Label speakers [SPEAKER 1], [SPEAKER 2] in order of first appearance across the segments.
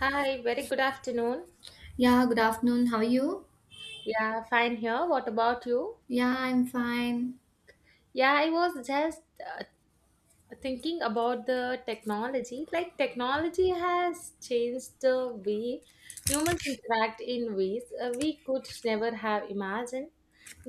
[SPEAKER 1] Hi, very good afternoon.
[SPEAKER 2] Yeah, good afternoon. How are you?
[SPEAKER 1] Yeah, fine here. What about you?
[SPEAKER 2] Yeah, I'm fine.
[SPEAKER 1] Yeah, I was just thinking about the technology. Like, technology has changed the way humans interact in ways we could never have imagined.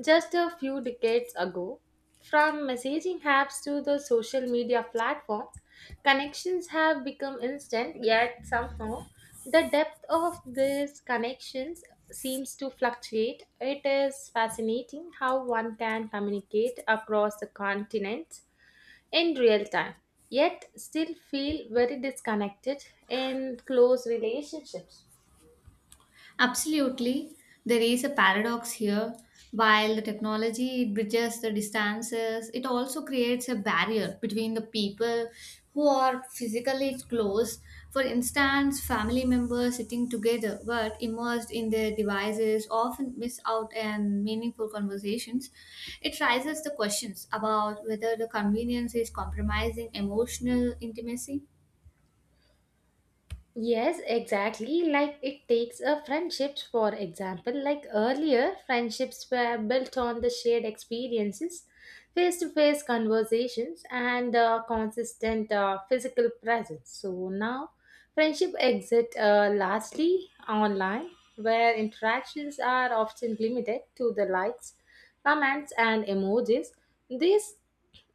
[SPEAKER 1] Just a few decades ago, from messaging apps to the social media platforms, connections have become instant, yet somehow the depth of these connections seems to fluctuate. It is fascinating how one can communicate across the continents in real time, yet still feel very disconnected in close relationships.
[SPEAKER 2] Absolutely. There is a paradox here. While the technology it bridges the distances, it also creates a barrier between the people who are physically close. For instance, family members sitting together but immersed in their devices often miss out on meaningful conversations. It raises the questions about whether the convenience is compromising emotional intimacy.
[SPEAKER 1] Yes, exactly. Like it takes a friendships, for example. Like earlier, friendships were built on the shared experiences, face to face conversations, and consistent physical presence. So now, friendship exit largely online, where interactions are often limited to the likes, comments, and emojis. This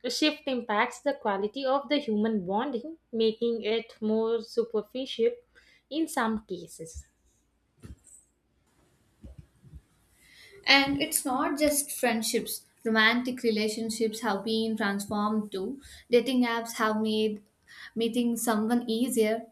[SPEAKER 1] the shift impacts the quality of the human bonding, making it more superficial in some cases.
[SPEAKER 2] And it's not just friendships. Romantic relationships have been transformed too. Dating apps have made meeting someone easier.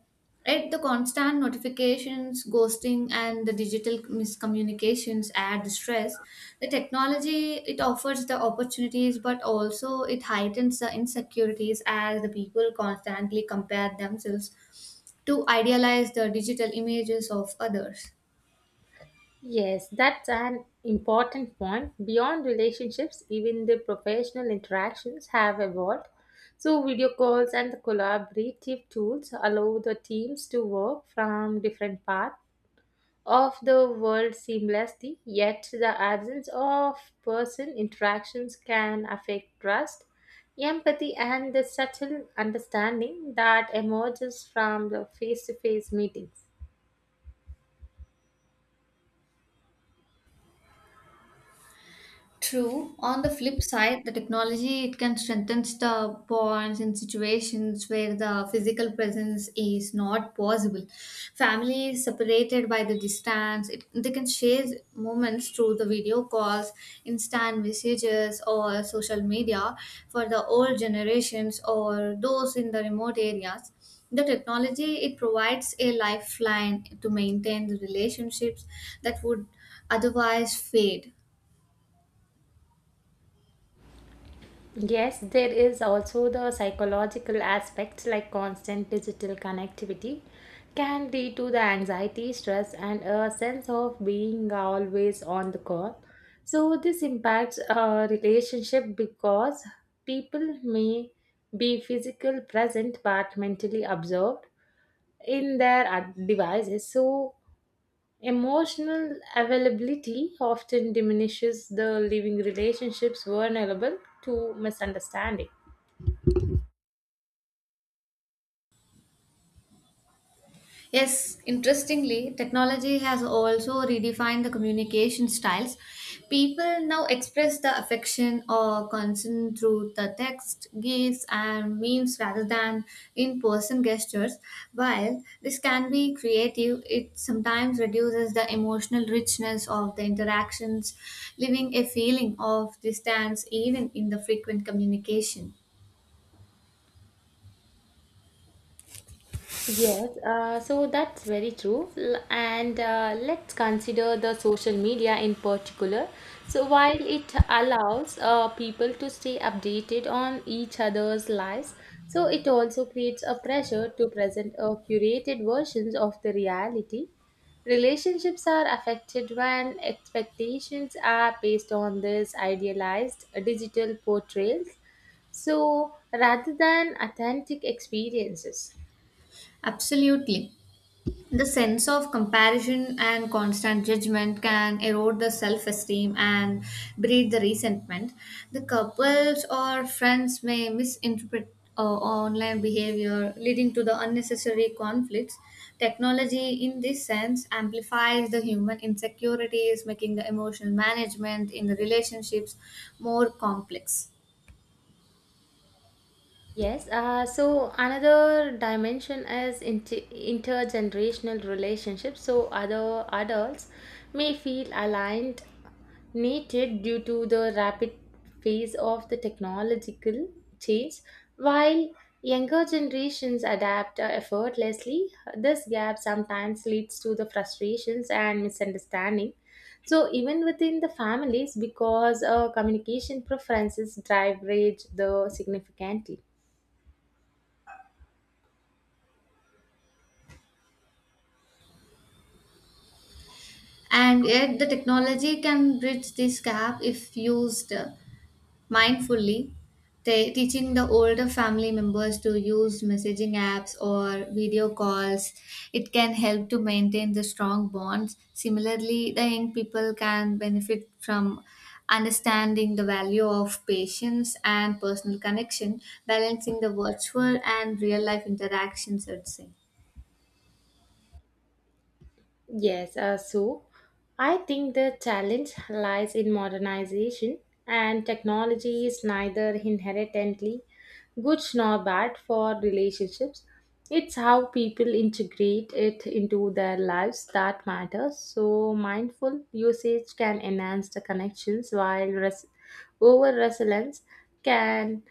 [SPEAKER 2] Yet the constant notifications, ghosting, and the digital miscommunications add stress. The technology it offers the opportunities, but also it heightens the insecurities as the people constantly compare themselves to idealize the digital images of others.
[SPEAKER 1] Yes, that's an important point. Beyond relationships, even the professional interactions have evolved. So, video calls and the collaborative tools allow the teams to work from different paths of the world seamlessly, yet the absence of person interactions can affect trust, empathy, and the subtle understanding that emerges from the face to face meetings.
[SPEAKER 2] True. On the flip side, the technology it can strengthen the bonds in situations where the physical presence is not possible. Families separated by the distance, it, they can share moments through the video calls, instant messages, or social media. For the old generations or those in the remote areas, the technology it provides a lifeline to maintain the relationships that would otherwise fade.
[SPEAKER 1] Yes, there is also the psychological aspects like constant digital connectivity can lead to the anxiety, stress, and a sense of being always on the call. So, this impacts a relationship because people may be physical present but mentally absorbed in their devices. So, emotional availability often diminishes the living relationships vulnerable to misunderstanding.
[SPEAKER 2] Yes, interestingly, technology has also redefined the communication styles. People now express the affection or concern through the text, gifs, and memes rather than in person gestures. While this can be creative, it sometimes reduces the emotional richness of the interactions, leaving a feeling of distance even in the frequent communication.
[SPEAKER 1] Yes, so that's very true. And let's consider the social media in particular. So, while it allows people to stay updated on each other's lives, so it also creates a pressure to present a curated versions of the reality. Relationships are affected when expectations are based on these idealized digital portrayals, so rather than authentic experiences.
[SPEAKER 2] Absolutely. The sense of comparison and constant judgment can erode the self esteem and breed the resentment. The couples or friends may misinterpret online behavior, leading to the unnecessary conflicts. Technology, in this sense, amplifies the human insecurities, making the emotional management in the relationships more complex.
[SPEAKER 1] Yes, so another dimension is intergenerational relationships. So other adults may feel aligned, needed due to the rapid phase of the technological change, while younger generations adapt effortlessly. This gap sometimes leads to the frustrations and misunderstanding. So even within the families, because communication preferences drive rage the significantly.
[SPEAKER 2] And yet, the technology can bridge this gap if used mindfully, teaching the older family members to use messaging apps or video calls. It can help to maintain the strong bonds. Similarly, the young people can benefit from understanding the value of patience and personal connection, balancing the virtual and real life interactions, I'd say.
[SPEAKER 1] Yes, so I think the challenge lies in modernization, and technology is neither inherently good nor bad for relationships. It's how people integrate it into their lives that matters. So, mindful usage can enhance the connections, while over resilience can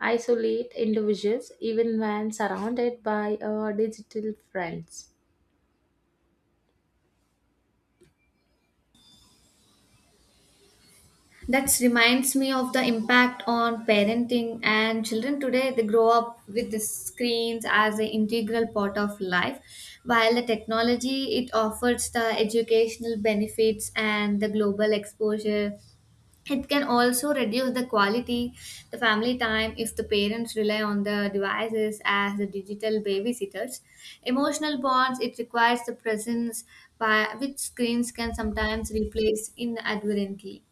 [SPEAKER 1] isolate individuals even when surrounded by digital friends.
[SPEAKER 2] That reminds me of the impact on parenting and children today. They grow up with the screens as an integral part of life, while the technology it offers the educational benefits and the global exposure. It can also reduce the quality, the family time if the parents rely on the devices as the digital babysitters. Emotional bonds it requires the presence by which screens can sometimes replace inadvertently.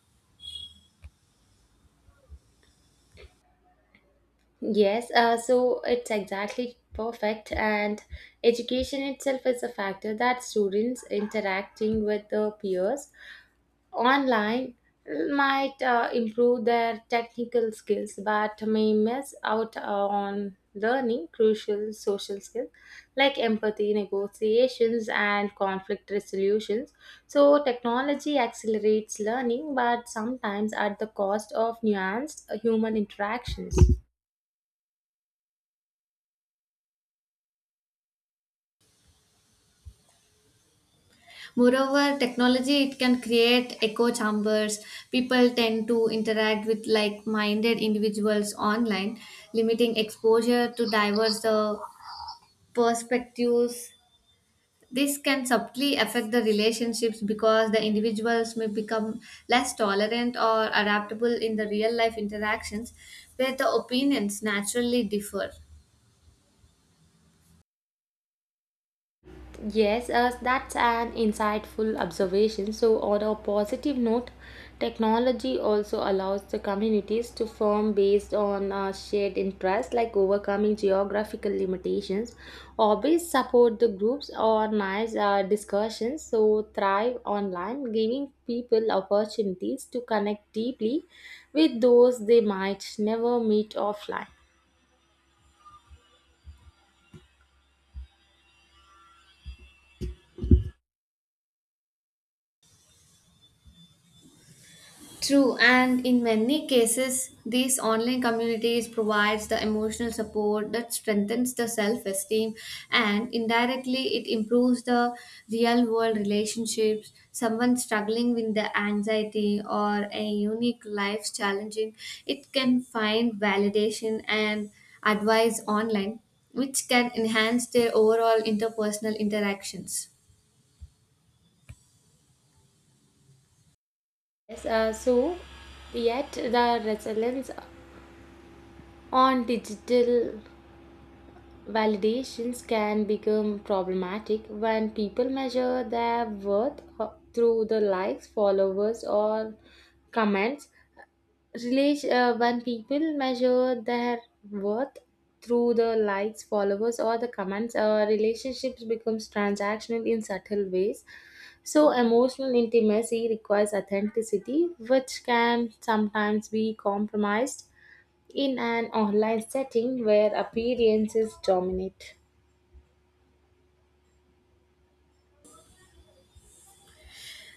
[SPEAKER 1] Yes, so it's exactly perfect, and education itself is a factor that students interacting with their peers online might improve their technical skills but may miss out on learning crucial social skills like empathy, negotiations, and conflict resolutions. So, technology accelerates learning but sometimes at the cost of nuanced human interactions.
[SPEAKER 2] Moreover, technology it can create echo chambers. People tend to interact with like-minded individuals online, limiting exposure to diverse perspectives. This can subtly affect the relationships because the individuals may become less tolerant or adaptable in the real life interactions where the opinions naturally differ.
[SPEAKER 1] Yes, that's an insightful observation. So, on a positive note, technology also allows the communities to form based on shared interests like overcoming geographical limitations. Hobbies support the groups, organize discussions, so thrive online, giving people opportunities to connect deeply with those they might never meet offline.
[SPEAKER 2] True, and in many cases, these online communities provides the emotional support that strengthens the self-esteem, and indirectly it improves the real-world relationships. Someone struggling with the anxiety or a unique life challenging, it can find validation and advice online, which can enhance their overall interpersonal interactions.
[SPEAKER 1] Yes, so yet the resilience on digital validations can become problematic when people measure their worth through the likes, followers, or comments. Relation, when people measure their worth through the likes, followers, or the comments, relationships becomes transactional in subtle ways. So emotional intimacy requires authenticity, which can sometimes be compromised in an online setting where appearances dominate.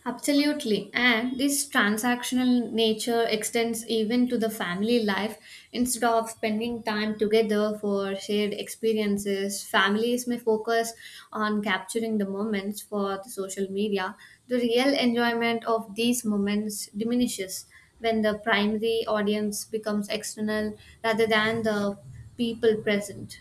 [SPEAKER 2] Absolutely. And this transactional nature extends even to the family life. Instead of spending time together for shared experiences, families may focus on capturing the moments for the social media. The real enjoyment of these moments diminishes when the primary audience becomes external rather than the people present.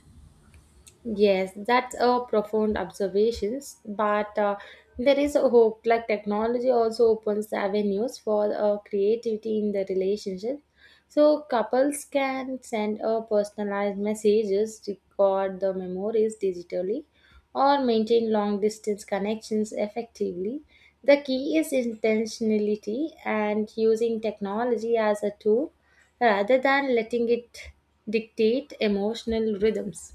[SPEAKER 1] Yes, that's a profound observations, but there is a hope. Like technology also opens avenues for creativity in the relationship. So couples can send a personalized messages, record the memories digitally, or maintain long distance connections effectively. The key is intentionality and using technology as a tool rather than letting it dictate emotional rhythms.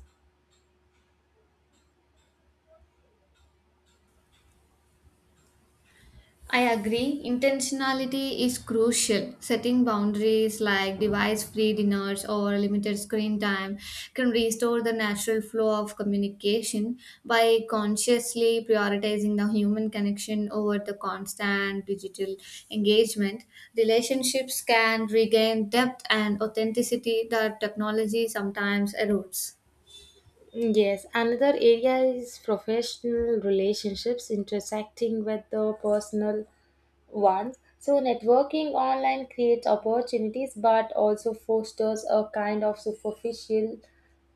[SPEAKER 2] I agree. Intentionality is crucial. Setting boundaries like device free dinners or limited screen time can restore the natural flow of communication by consciously prioritizing the human connection over the constant digital engagement. Relationships can regain depth and authenticity that technology sometimes erodes.
[SPEAKER 1] Mm, yes, another area is professional relationships intersecting with the personal ones. So, networking online creates opportunities but also fosters a kind of superficial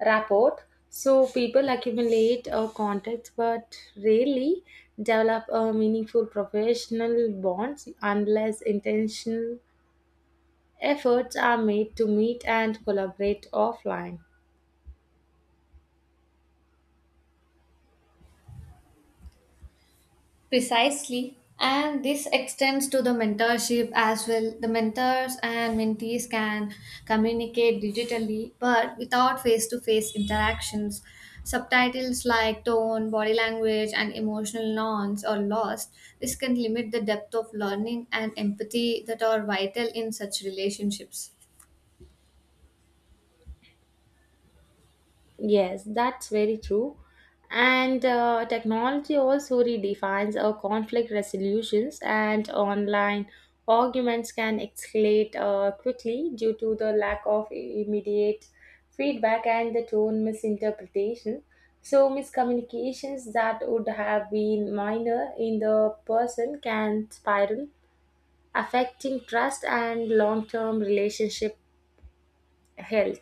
[SPEAKER 1] rapport. So, people accumulate contacts but rarely develop a meaningful professional bonds unless intentional efforts are made to meet and collaborate offline.
[SPEAKER 2] Precisely. And this extends to the mentorship as well. The mentors and mentees can communicate digitally but without face to face interactions. Subtitles like tone, body language, and emotional nuance are lost. This can limit the depth of learning and empathy that are vital in such relationships.
[SPEAKER 1] Yes, that's very true. And technology also redefines our conflict resolutions, and online arguments can escalate quickly due to the lack of immediate feedback and the tone misinterpretation. So, miscommunications that would have been minor in the person can spiral, affecting trust and long term relationship health.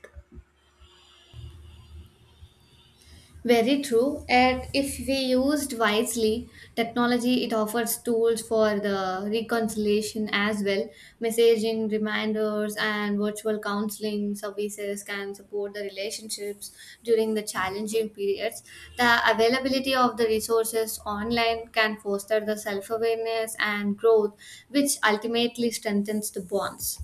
[SPEAKER 2] Very true. And if we used wisely, technology it offers tools for the reconciliation as well. Messaging, reminders, and virtual counseling services can support the relationships during the challenging periods. The availability of the resources online can foster the self awareness and growth, which ultimately strengthens the bonds.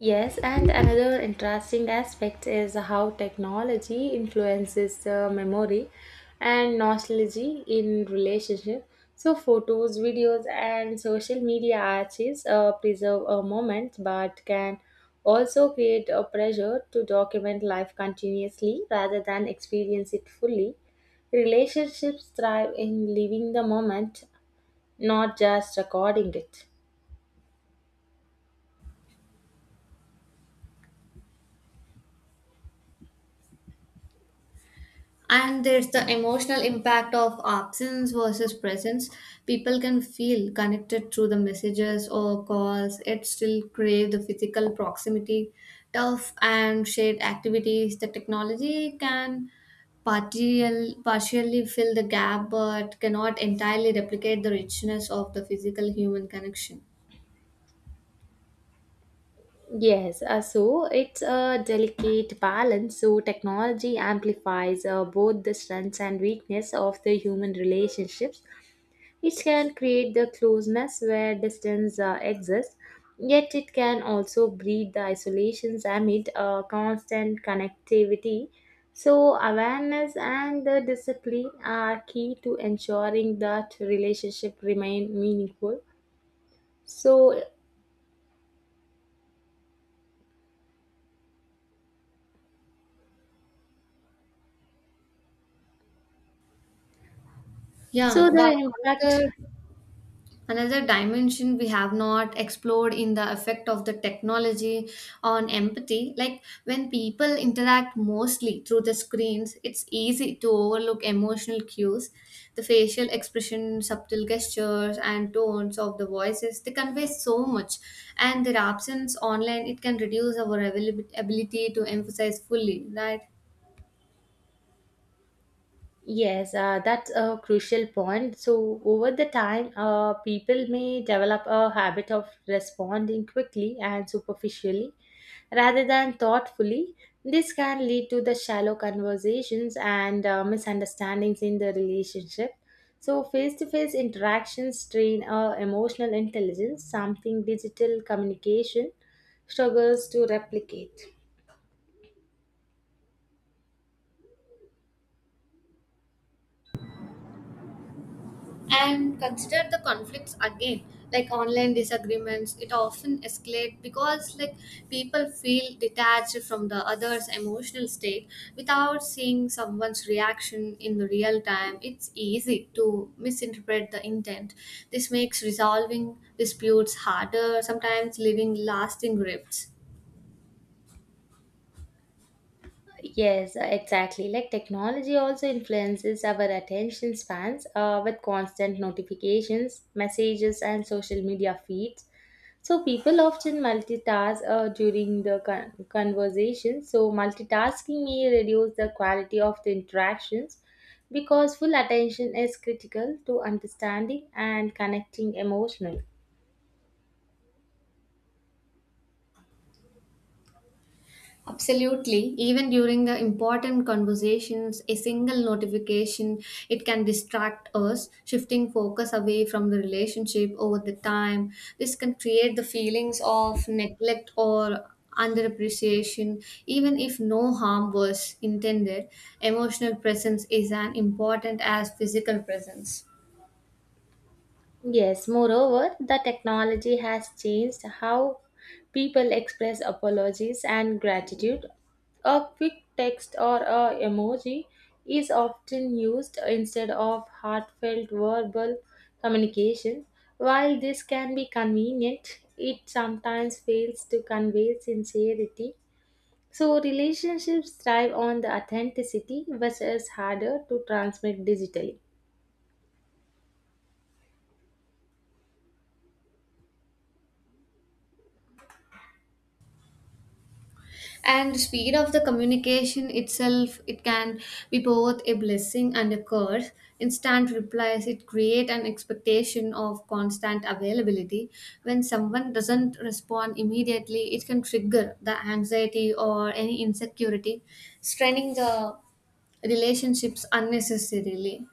[SPEAKER 1] Yes, and another interesting aspect is how technology influences the memory and nostalgia in relationship. So photos, videos, and social media archives preserve a moment, but can also create a pressure to document life continuously rather than experience it fully. Relationships thrive in living the moment, not just recording it.
[SPEAKER 2] And there's the emotional impact of absence versus presence. People can feel connected through the messages or calls, yet still crave the physical proximity, tough and shared activities. The technology can partially fill the gap but cannot entirely replicate the richness of the physical human connection.
[SPEAKER 1] Yes, so it's a delicate balance. So technology amplifies both the strengths and weakness of the human relationships. It can create the closeness where distance exists, yet it can also breed the isolations amid constant connectivity. So awareness and the discipline are key to ensuring that relationship remain meaningful. So, so
[SPEAKER 2] Yeah,
[SPEAKER 1] the
[SPEAKER 2] well,
[SPEAKER 1] impact.
[SPEAKER 2] another another dimension we have not explored in the effect of the technology on empathy, like when people interact mostly through the screens, it's easy to overlook emotional cues. The facial expression, subtle gestures, and tones of the voices they convey so much, and their absence online it can reduce our ability to emphasize fully, right?
[SPEAKER 1] Yes, that's a crucial point. So, over the time, people may develop a habit of responding quickly and superficially rather than thoughtfully. This can lead to the shallow conversations and misunderstandings in the relationship. So, face to face interactions train emotional intelligence, something digital communication struggles to replicate.
[SPEAKER 2] And consider the conflicts again, like online disagreements it often escalate because, like, people feel detached from the other's emotional state. Without seeing someone's reaction in the real time, it's easy to misinterpret the intent. This makes resolving disputes harder, sometimes leaving lasting rifts.
[SPEAKER 1] Yes, exactly. Like technology also influences our attention spans with constant notifications, messages, and social media feeds. So people often multitask during the conversation. So multitasking may reduce the quality of the interactions because full attention is critical to understanding and connecting emotionally.
[SPEAKER 2] Absolutely. Even during the important conversations, a single notification, it can distract us, shifting focus away from the relationship over the time. This can create the feelings of neglect or underappreciation, even if no harm was intended. Emotional presence is as important as physical presence.
[SPEAKER 1] Yes, moreover, the technology has changed how people express apologies and gratitude. A quick text or a emoji is often used instead of heartfelt verbal communication. While this can be convenient, it sometimes fails to convey sincerity. So, relationships thrive on the authenticity, which is harder to transmit digitally.
[SPEAKER 2] And speed of the communication itself it can be both a blessing and a curse. Instant replies it create an expectation of constant availability. When someone doesn't respond immediately, it can trigger the anxiety or any insecurity, straining the relationships unnecessarily.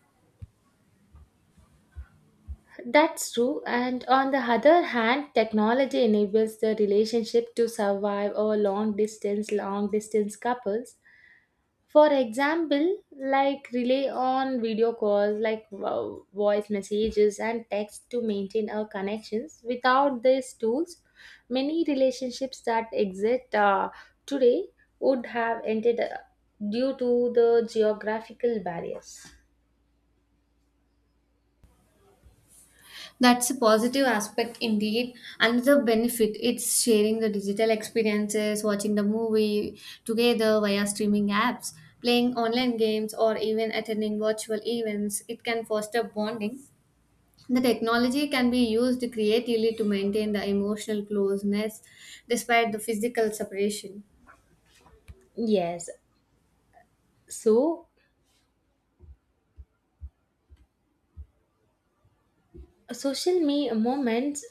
[SPEAKER 1] That's true. And on the other hand, technology enables the relationship to survive over long distance couples. For example, like rely on video calls, like voice messages and text to maintain our connections. Without these tools, many relationships that exist today would have ended due to the geographical barriers.
[SPEAKER 2] That's a positive aspect indeed. Another benefit it's sharing the digital experiences, watching the movie together via streaming apps, playing online games, or even attending virtual events. It can foster bonding. The technology can be used creatively to maintain the emotional closeness despite the physical separation.
[SPEAKER 1] Yes. So social me moments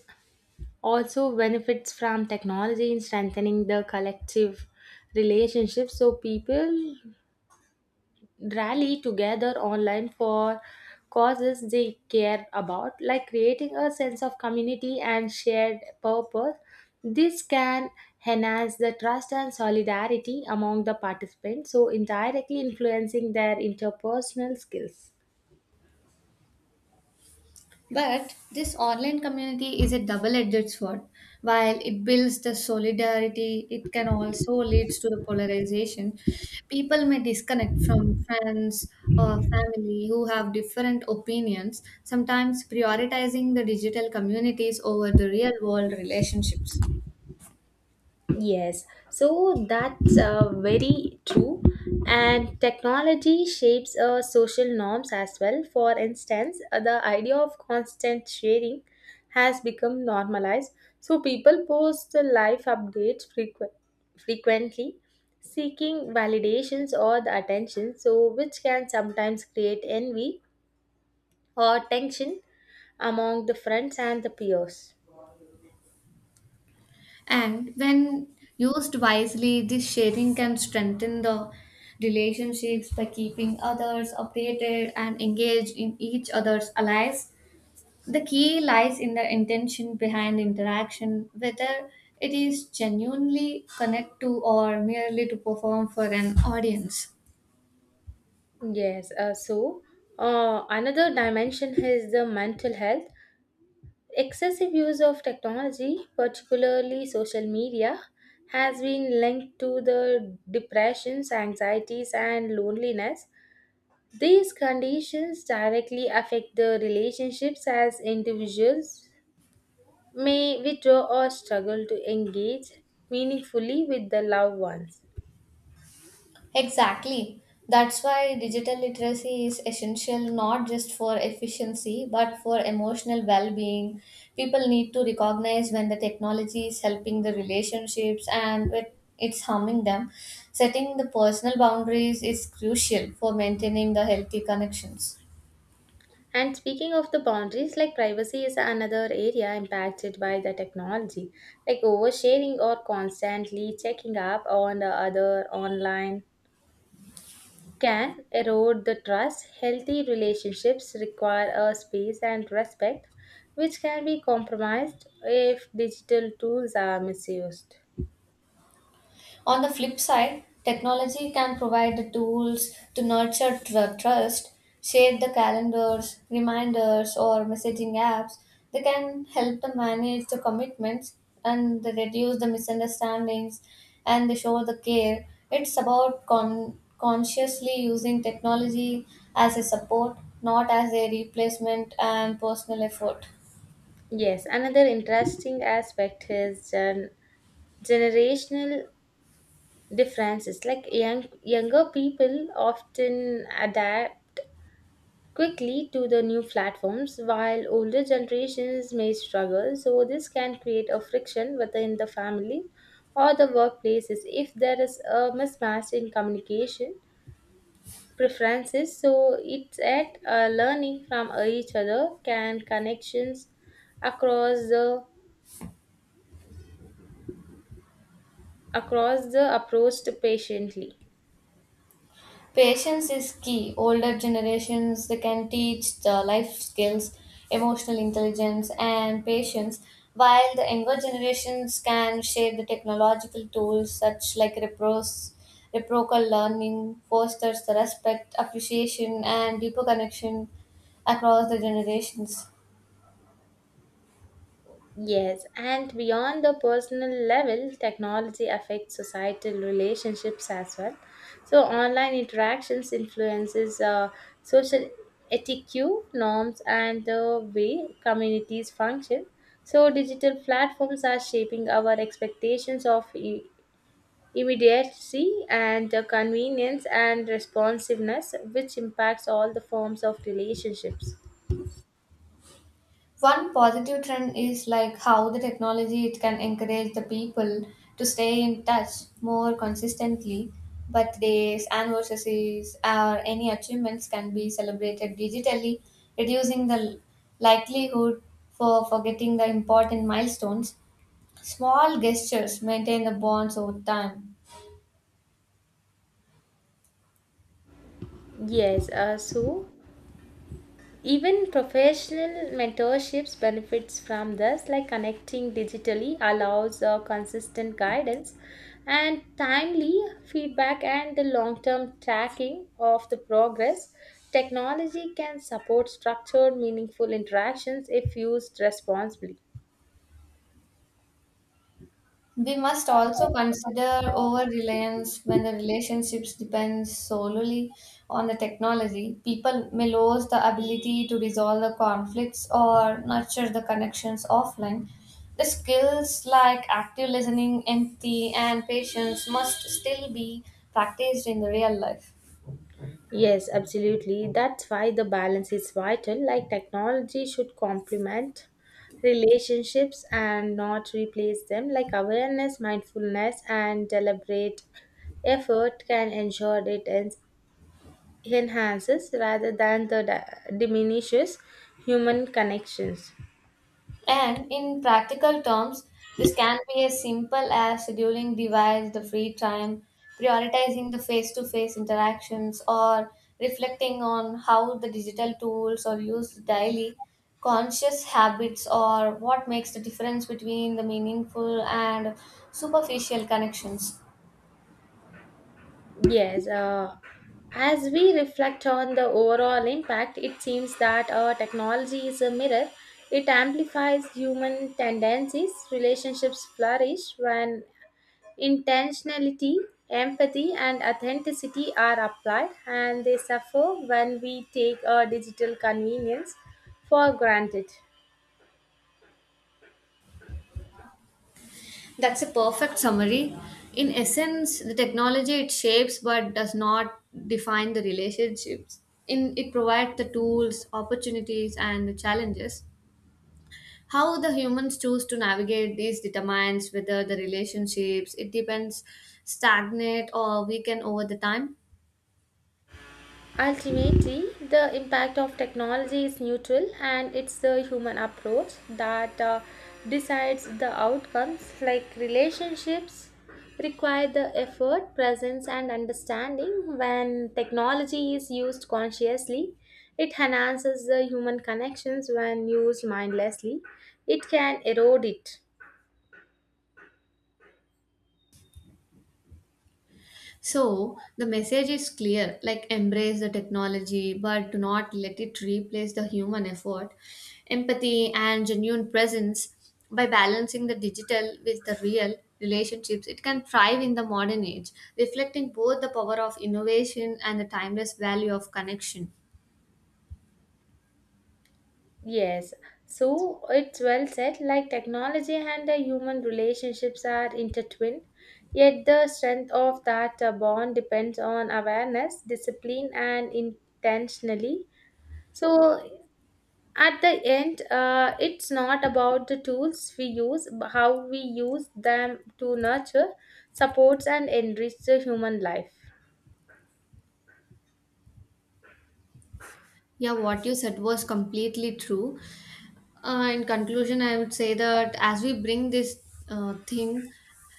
[SPEAKER 1] also benefits from technology in strengthening the collective relationships, so people rally together online for causes they care about, like creating a sense of community and shared purpose. This can enhance the trust and solidarity among the participants, so indirectly influencing their interpersonal skills.
[SPEAKER 2] But this online community is a double-edged sword. While it builds the solidarity, it can also leads to the polarization. People may disconnect from friends or family who have different opinions, sometimes prioritizing the digital communities over the real-world relationships.
[SPEAKER 1] Yes, so that's very true. And technology shapes social norms as well. For instance, the idea of constant sharing has become normalized. So people post the life updates frequently, seeking validations or the attention, so which can sometimes create envy or tension among the friends and the peers.
[SPEAKER 2] And when used wisely, this sharing can strengthen the relationships by keeping others updated and engaged in each other's allies. The key lies in the intention behind interaction, whether it is genuinely connect to or merely to perform for an audience.
[SPEAKER 1] Yes, so another dimension is the mental health. Excessive use of technology, particularly social media, has been linked to the depressions, anxieties, and loneliness. These conditions directly affect the relationships as individuals may withdraw or struggle to engage meaningfully with the loved ones.
[SPEAKER 2] Exactly. That's why digital literacy is essential not just for efficiency but for emotional well being. People need to recognize when the technology is helping the relationships and when it's harming them. Setting the personal boundaries is crucial for maintaining the healthy connections.
[SPEAKER 1] And speaking of the boundaries, like privacy is another area impacted by the technology, like oversharing or constantly checking up on the other online can erode the trust. Healthy relationships require a space and respect, which can be compromised if digital tools are misused.
[SPEAKER 2] On the flip side, technology can provide the tools to nurture trust, shape the calendars, reminders, or messaging apps. They can help to manage the commitments and they reduce the misunderstandings and they show the care. It's about consciously using technology as a support, not as a replacement and personal effort.
[SPEAKER 1] Yes, another interesting aspect is generational differences. Like younger people often adapt quickly to the new platforms, while older generations may struggle. So this can create a friction within the family or the workplaces if there is a mismatch in communication preferences, so it's at learning from each other can connections across the across the approached patiently.
[SPEAKER 2] Patience is key. Older generations they can teach the life skills, emotional intelligence, and patience, while the younger generations can share the technological tools such like repros, reciprocal learning fosters the respect, appreciation, and deeper connection across the generations.
[SPEAKER 1] Yes, and beyond the personal level, technology affects societal relationships as well. So online interactions influences social etiquette, norms, and the way communities function. So digital platforms are shaping our expectations of immediacy and convenience and responsiveness, which impacts all the forms of relationships.
[SPEAKER 2] One positive trend is like how the technology it can encourage the people to stay in touch more consistently. Birthdays, anniversaries, or any achievements can be celebrated digitally, reducing the likelihood for forgetting the important milestones. Small gestures maintain the bonds over time.
[SPEAKER 1] Yes, so even professional mentorships benefits from this, like connecting digitally allows consistent guidance and timely feedback and the long-term tracking of the progress. Technology can support structured, meaningful interactions if used responsibly.
[SPEAKER 2] We must also consider over reliance when the relationships depend solely on the technology. People may lose the ability to resolve the conflicts or nurture the connections offline. The skills like active listening, empathy, and patience must still be practiced in the real life.
[SPEAKER 1] Yes, absolutely. That's why the balance is vital. Like technology should complement relationships and not replace them. Like awareness, mindfulness, and deliberate effort can ensure it enhances rather than the diminishes human connections.
[SPEAKER 2] And in practical terms, this can be as simple as scheduling device the free time, prioritizing the face to face interactions, or reflecting on how the digital tools are used daily, conscious habits, or what makes the difference between the meaningful and superficial connections.
[SPEAKER 1] Yes, as we reflect on the overall impact, it seems that our technology is a mirror. It amplifies human tendencies. Relationships flourish when intentionality, empathy, and authenticity are applied, and they suffer when we take our digital convenience for granted.
[SPEAKER 2] That's a perfect summary. In essence, the technology it shapes but does not define the relationships. In it provides the tools, opportunities, and the challenges. How the humans choose to navigate these determines whether the relationships it depends stagnate or weaken over the time.
[SPEAKER 1] Ultimately, the impact of technology is neutral and it's the human approach that decides the outcomes. Like relationships require the effort, presence, and understanding. When technology is used consciously, it enhances the human connections. When used mindlessly, it can erode it.
[SPEAKER 2] So the message is clear, like embrace the technology, but do not let it replace the human effort, empathy, and genuine presence. By balancing the digital with the real relationships, it can thrive in the modern age, reflecting both the power of innovation and the timeless value of connection.
[SPEAKER 1] Yes, so it's well said. Like technology and the human relationships are intertwined, yet the strength of that bond depends on awareness, discipline, and intentionally. So at the end, it's not about the tools we use, but how we use them to nurture, supports, and enrich the human life.
[SPEAKER 2] Yeah, what you said was completely true. In conclusion, I would say that as we bring this thing,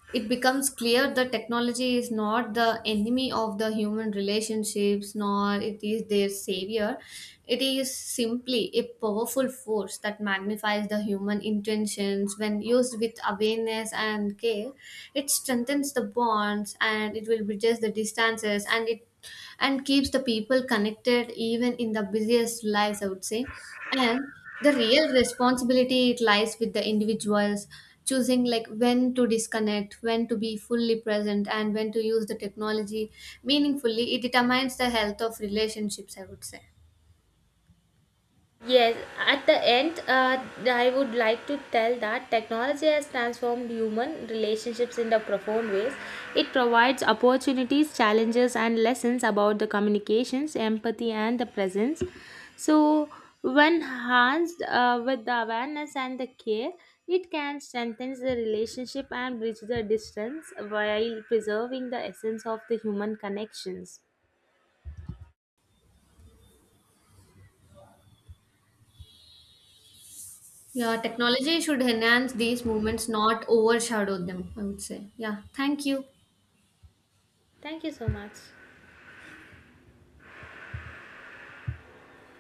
[SPEAKER 2] it becomes clear that technology is not the enemy of the human relationships, nor it is their savior. It is simply a powerful force that magnifies the human intentions. When used with awareness and care, it strengthens the bonds and it will bridge the distances and it and keeps the people connected even in the busiest lives, I would say. And the real responsibility it lies with the individuals choosing, like when to disconnect, when to be fully present, and when to use the technology meaningfully, it determines the health of relationships, I would say.
[SPEAKER 1] Yes, at the end, I would like to tell that technology has transformed human relationships in the profound ways. It provides opportunities, challenges, and lessons about the communications, empathy, and the presence. So, when enhanced with the awareness and the care, it can strengthen the relationship and bridge the distance while preserving the essence of the human connections.
[SPEAKER 2] Yeah, technology should enhance these moments, not overshadow them, I would say. Yeah, thank you.
[SPEAKER 1] Thank you so much.